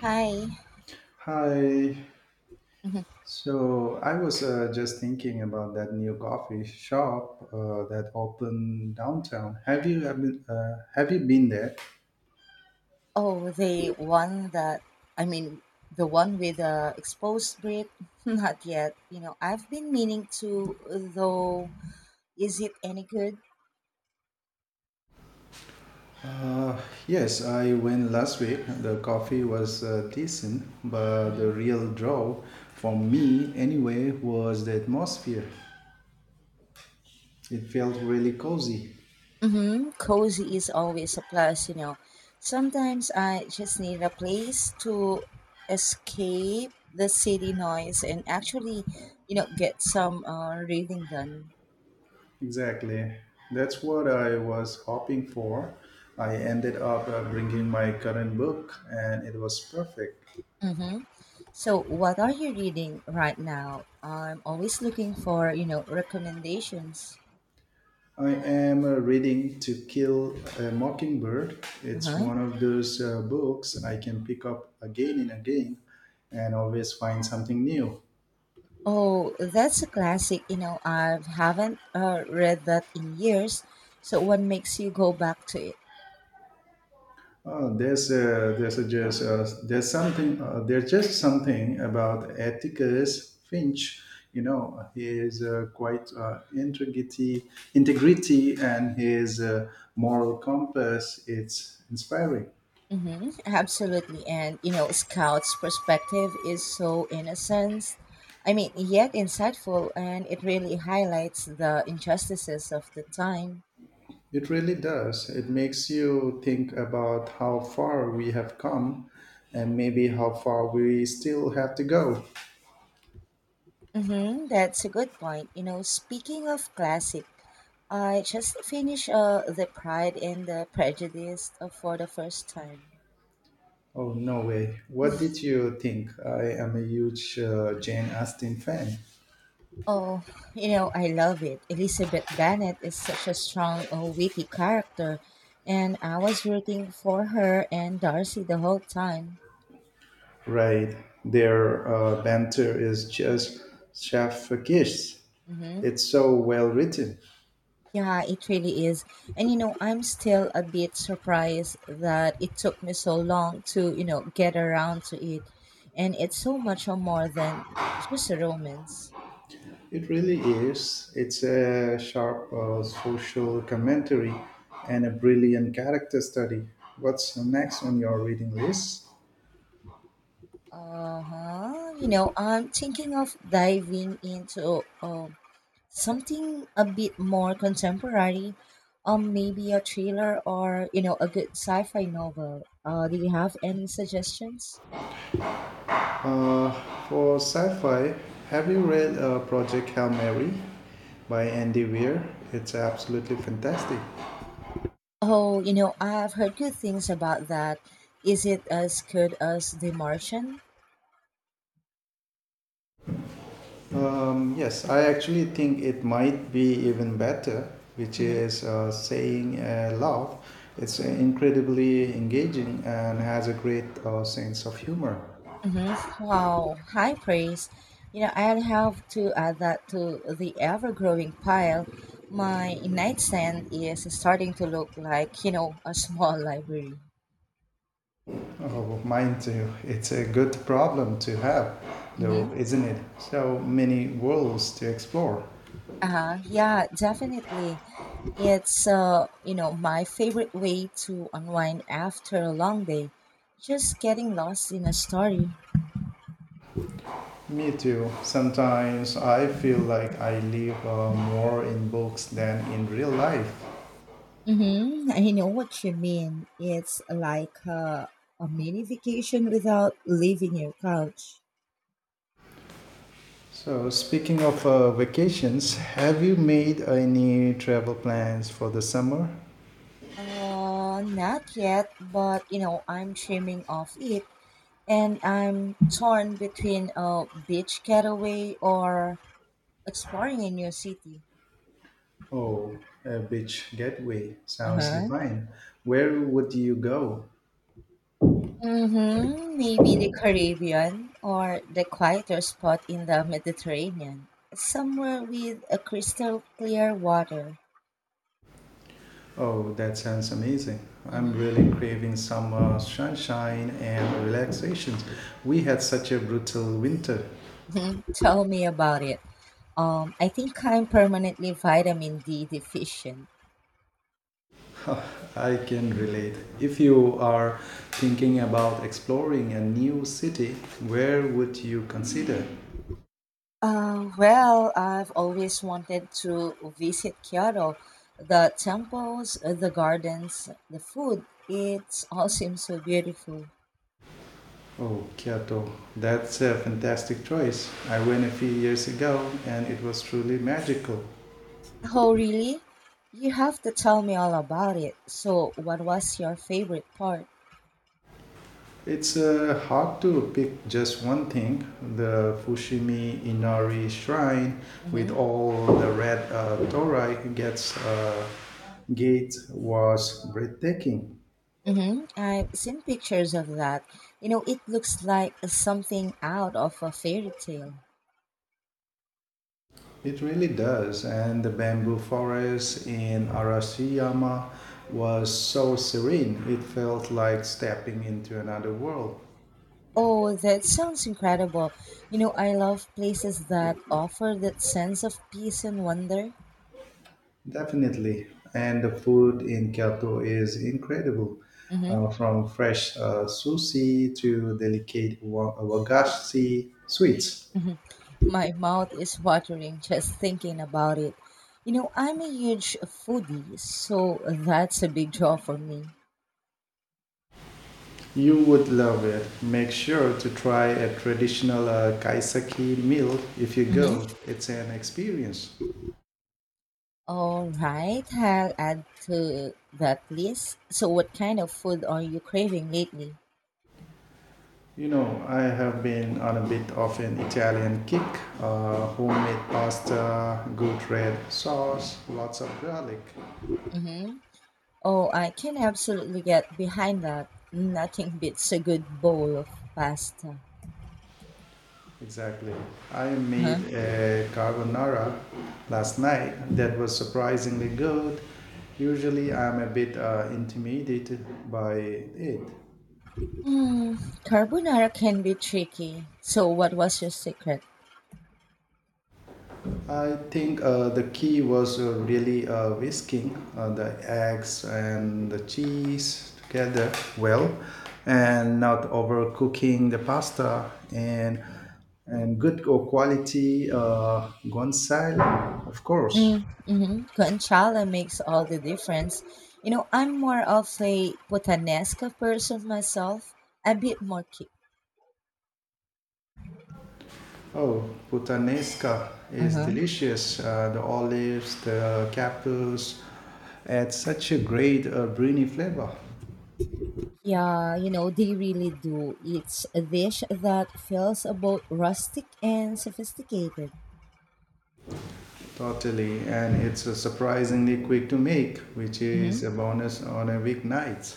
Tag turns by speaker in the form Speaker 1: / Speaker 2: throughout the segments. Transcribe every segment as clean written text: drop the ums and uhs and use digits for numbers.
Speaker 1: Hi.
Speaker 2: Hi.
Speaker 1: Mhm.
Speaker 2: So I was just thinking about that new coffee shop that opened downtown. Have you been there?
Speaker 1: Oh, the one that, I mean, the one with the exposed grip. Not yet. You know, I've been meaning to, though, is it any good?
Speaker 2: Uh, yes, I went last week. The coffee was decent, but the
Speaker 1: Mhm.
Speaker 2: real draw for me anyway was the atmosphere. It felt really cozy.
Speaker 1: Mm-hmm. Cozy is always a plus, Sometimes I just need a place to escape the city noise and actually, get some reading done.
Speaker 2: Exactly. That's what I was hoping for. I ended up bringing my current book and it was perfect.
Speaker 1: Mm-hmm. So, what are you reading right now? I'm always looking for, recommendations.
Speaker 2: I am reading To Kill a Mockingbird. It's
Speaker 1: Uh-huh.
Speaker 2: one of those books I can pick up again and again and always find something new.
Speaker 1: Oh, that's a classic. You know, I haven't read that in years. So, what makes you go back to it?
Speaker 2: Oh, there's a just there's something there's just something about Atticus Finch. You know, his integrity, and his moral compass. It's inspiring.
Speaker 1: Mm-hmm. Absolutely. And, you know, Scout's perspective is so innocent. I mean, yet insightful, and it really highlights the injustices of the time.
Speaker 2: It really does. It makes you think about how far we have come and maybe how far we still have to go.
Speaker 1: Mm-hmm, that's a good point. You know, speaking of classic, I just finished The Pride and the Prejudice for the first time.
Speaker 2: Oh, no way. What did you think? I am a huge Jane Austen fan.
Speaker 1: Oh, you know, I love it. Elizabeth Bennet is such a strong, witty character, and I was rooting for her and Darcy the whole time.
Speaker 2: Right. Their banter is just chef kiss.
Speaker 1: Mhm.
Speaker 2: It's so well written.
Speaker 1: Yeah, it really is. And you know, I'm still a bit surprised that it took me so long to, get around to it. And it's so much or more than just a romance.
Speaker 2: It really is. It's a sharp social commentary and a brilliant character study. What's next on your reading list?
Speaker 1: Uh-huh. You know, I'm thinking of diving into something a bit more contemporary. Maybe a thriller or, a good sci-fi novel. Do you have any suggestions?
Speaker 2: Uh, for sci-fi, have you read Project Hail Mary by Andy Weir? It's absolutely fantastic.
Speaker 1: Oh, you know, I've heard good things about that. Is it as good as The Martian?
Speaker 2: Yes, I actually think it might be even better, which
Speaker 1: Hmm.
Speaker 2: is saying love. It's incredibly engaging and has a great sense of humor.
Speaker 1: Hmm. Wow, high praise. You know, I'd have to add that to the ever-growing pile. My nightstand is starting to look like, a small library.
Speaker 2: Oh, mine too. It's a good problem to have,
Speaker 1: Mm-hmm.
Speaker 2: though, isn't it? So many worlds to explore.
Speaker 1: Uh-huh. Yeah, definitely. It's you know, my favorite way to unwind after a long day. Just getting lost in a story.
Speaker 2: Me too. Sometimes I feel like I live more in books than in real life.
Speaker 1: Mm-hmm. I know what you mean. It's like a mini vacation without leaving your couch.
Speaker 2: So, speaking of vacations, have you made any travel plans for the summer?
Speaker 1: Not yet, but you know, I'm dreaming of it, and I'm torn between a beach getaway or exploring a new city.
Speaker 2: Oh, a beach getaway
Speaker 1: Uh
Speaker 2: sounds
Speaker 1: huh.
Speaker 2: divine. Where would you go?
Speaker 1: Mm-hmm. Maybe the Caribbean or the quieter spot in the Mediterranean, somewhere with a crystal clear water.
Speaker 2: Oh, that sounds amazing. I'm really craving some sunshine and relaxation. We had such a brutal winter.
Speaker 1: Mhm. Tell me about it. I think I'm permanently vitamin D deficient.
Speaker 2: I can relate. If you are thinking about exploring a new city, where would you consider?
Speaker 1: Well, I've always wanted to visit Kyoto. The temples, the gardens, the food, it all seems so beautiful.
Speaker 2: Oh, Kyoto. That's a fantastic choice. I went a few years ago and it was truly magical.
Speaker 1: Oh, really? You have to tell me all about it. So, what was your favorite part?
Speaker 2: It's hard to pick just one thing. The Fushimi Inari Shrine with
Speaker 1: Mm-hmm.
Speaker 2: all the red torii gets gates was breathtaking.
Speaker 1: Mm-hmm. I've seen pictures of that. You know, it looks like something out of a fairy tale.
Speaker 2: It really does. And the bamboo forest in Arashiyama was so serene. It felt like stepping into another world.
Speaker 1: Oh, that sounds incredible. You know, I love places that offer that sense of peace and wonder.
Speaker 2: Definitely. And the food in Kyoto is incredible.
Speaker 1: Hmm.
Speaker 2: From fresh sushi to delicate wagashi sweets.
Speaker 1: Hmm. My mouth is watering just thinking about it. You know, I'm a huge foodie, so that's a big draw for me.
Speaker 2: You would love it. Make sure to try a traditional kaiseki meal if you
Speaker 1: Hmm.
Speaker 2: go. It's an experience.
Speaker 1: All right, I'll add to that list. So, what kind of food are you craving lately?
Speaker 2: You know, I have been on a bit of an Italian kick. Homemade pasta, good red sauce, lots of garlic.
Speaker 1: Mm-hmm. Oh, I can absolutely get behind that. Nothing beats a good bowl of pasta.
Speaker 2: Exactly. I made
Speaker 1: Uh-huh.
Speaker 2: a carbonara last night that was surprisingly good. Usually, I'm a bit intimidated by it.
Speaker 1: Mm, carbonara can be tricky. So, what was your secret?
Speaker 2: I think the key was really whisking the eggs and the cheese together well, and not overcooking the pasta and good quality guanciale, of course.
Speaker 1: Mm, hmm. Guanciale makes all the difference. You know, I'm more of a putanesca person myself, a bit more kick.
Speaker 2: Oh, puttanesca is
Speaker 1: Mm-hmm.
Speaker 2: delicious. The olives, the capers, add such a great briny flavor.
Speaker 1: Yeah, you know, they really do. It's a dish that feels both rustic and sophisticated.
Speaker 2: Totally, and it's surprisingly quick to make, which is a bonus on a weeknight.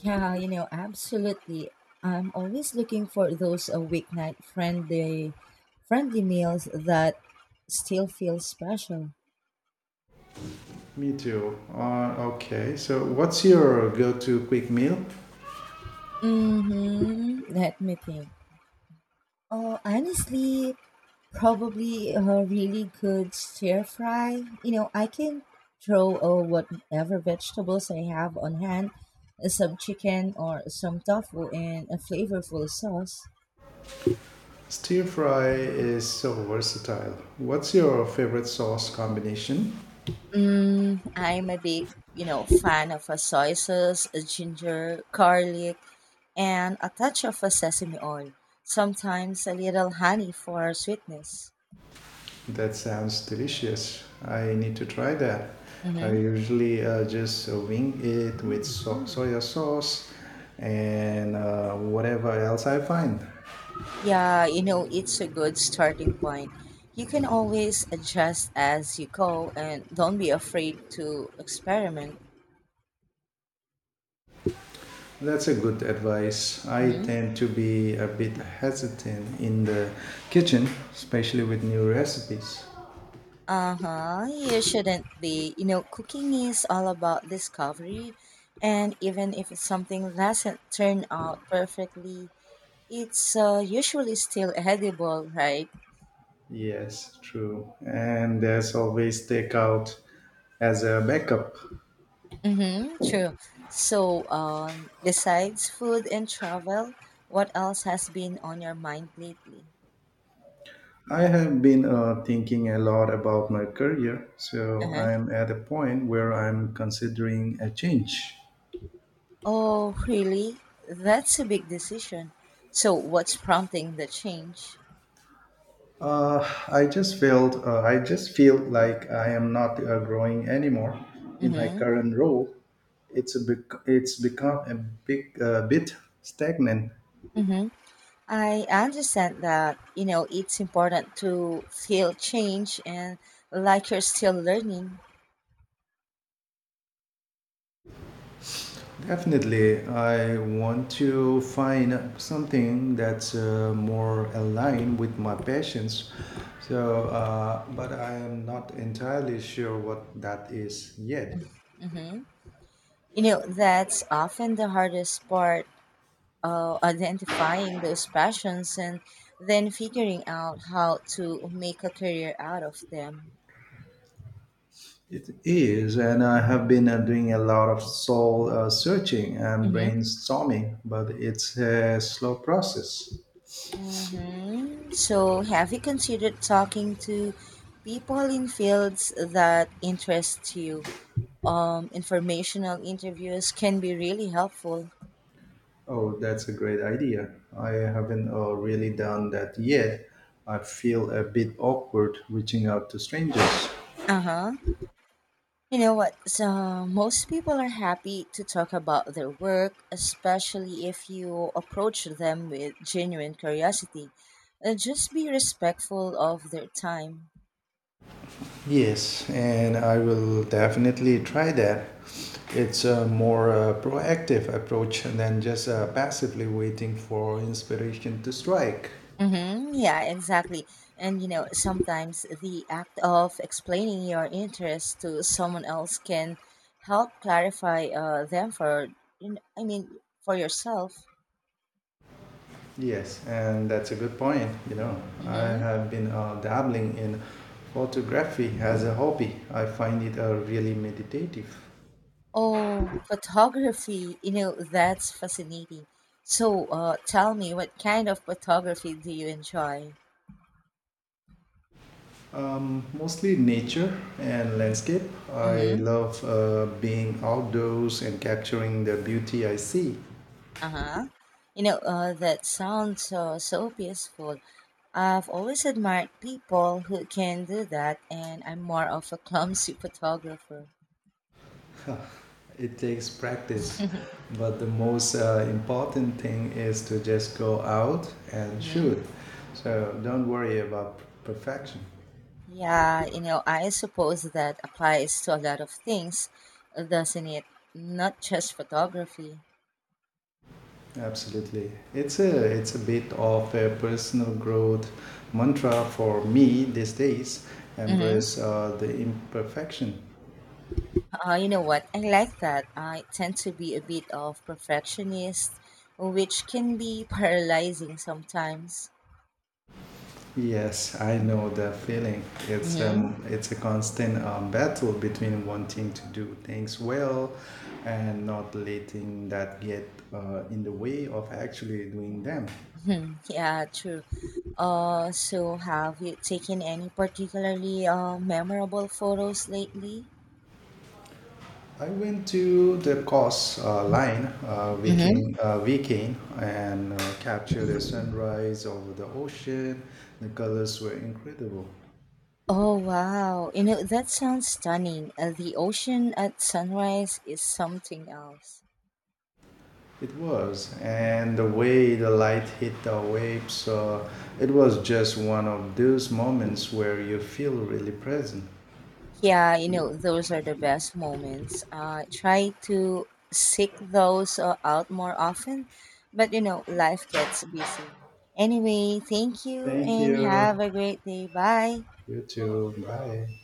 Speaker 1: Yeah, you know, absolutely. I'm always looking for those weeknight friendly meals that still feel special.
Speaker 2: Me too. Okay, so what's your go-to quick meal?
Speaker 1: Mm-hmm. Let me think. Oh, honestly, probably a really good stir fry. You know, I can throw whatever vegetables I have on hand, some chicken or some tofu in a flavorful sauce.
Speaker 2: Stir fry is so versatile. What's your favorite sauce combination?
Speaker 1: Mm, I'm a big, fan of a soy sauce, a ginger, garlic, and a touch of a sesame oil. Sometimes a little honey for sweetness.
Speaker 2: That sounds delicious. I need to try that. I
Speaker 1: Mm-hmm.
Speaker 2: usually just wing it with soya sauce and whatever else I find.
Speaker 1: Yeah, you know, it's a good starting point. You can always adjust as you go and don't be afraid to experiment.
Speaker 2: That's a good advice. I
Speaker 1: Mm-hmm.
Speaker 2: tend to be a bit hesitant in the kitchen, especially with new recipes.
Speaker 1: Uh-huh. You shouldn't be. You know, cooking is all about discovery. And even if something doesn't turn out perfectly, it's usually still edible, right?
Speaker 2: Yes, true. And there's always takeout as a backup.
Speaker 1: Mm-hmm, true. So, besides food and travel, what else has been on your mind lately?
Speaker 2: I have been thinking a lot about my career, so
Speaker 1: Uh-huh.
Speaker 2: I'm at a point where I'm considering a change.
Speaker 1: Oh, really? That's a big decision. So, what's prompting the change?
Speaker 2: Uh, I just feel like I am not growing anymore in my
Speaker 1: Mm-hmm.
Speaker 2: current role. It's become a big bit stagnant.
Speaker 1: Mm-hmm. I understand that, you know, it's important to feel change and like you're still learning.
Speaker 2: Definitely, I want to find something that's more aligned with my passions. But I am not entirely sure what that is yet.
Speaker 1: Mm-hmm. You know, that's often the hardest part identifying those passions and then figuring out how to make a career out of them.
Speaker 2: It is, and I have been doing a lot of soul searching and
Speaker 1: Hmm.
Speaker 2: brainstorming, but it's a slow process.
Speaker 1: Mm-hmm. So, have you considered talking to people in fields that interest you? Informational interviews can be really helpful.
Speaker 2: Oh, that's a great idea. I haven't really done that yet. I feel a bit awkward reaching out to strangers.
Speaker 1: Uh huh. You know what? So most people are happy to talk about their work, especially if you approach them with genuine curiosity. Just be respectful of their time.
Speaker 2: Yes, and I will definitely try that. It's a more proactive approach than just passively waiting for inspiration to strike.
Speaker 1: Mm-hmm. Yeah, exactly. And you know, sometimes the act of explaining your interest to someone else can help clarify them for, you know, I mean, for yourself.
Speaker 2: Yes, and that's a good point. You know, I
Speaker 1: Mm-hmm.
Speaker 2: have been dabbling in photography as a hobby. I find it really meditative.
Speaker 1: Oh, photography. You know, that's fascinating. So, tell me, what kind of photography do you enjoy?
Speaker 2: Mostly nature and landscape. I
Speaker 1: Mm-hmm.
Speaker 2: love being outdoors and capturing the beauty I see.
Speaker 1: Uh-huh. You know, that sounds so peaceful. I've always admired people who can do that, and I'm more of a clumsy photographer.
Speaker 2: It takes practice, but the most important thing is to just go out and
Speaker 1: Mm-hmm.
Speaker 2: shoot. So don't worry about perfection.
Speaker 1: Yeah, you know, I suppose that applies to a lot of things, doesn't it? Not just photography.
Speaker 2: Absolutely. It's a bit of a personal growth mantra for me these days.
Speaker 1: Mm-hmm.
Speaker 2: Embrace the imperfection.
Speaker 1: You know what? I like that. I tend to be a bit of perfectionist, which can be paralyzing sometimes.
Speaker 2: Yes, I know the feeling. It's
Speaker 1: Hmm.
Speaker 2: um it's a constant battle between wanting to do things well and not letting that get in the way of actually doing them.
Speaker 1: Mhm. Yeah, true. So have you taken any particularly memorable photos lately?
Speaker 2: I went to the
Speaker 1: Hmm.
Speaker 2: weekend and captured a sunrise over the ocean. The colors were incredible.
Speaker 1: Oh wow! You know that sounds stunning. The ocean at sunrise is something else.
Speaker 2: It was, and the way the light hit the waves, it was just one of those moments where you feel really present.
Speaker 1: Yeah, you know, those are the best moments. Try to seek those out more often, but you know, life gets busy. Anyway, thank you
Speaker 2: Thank
Speaker 1: and have
Speaker 2: you.
Speaker 1: a great day. Bye.
Speaker 2: You too. Bye.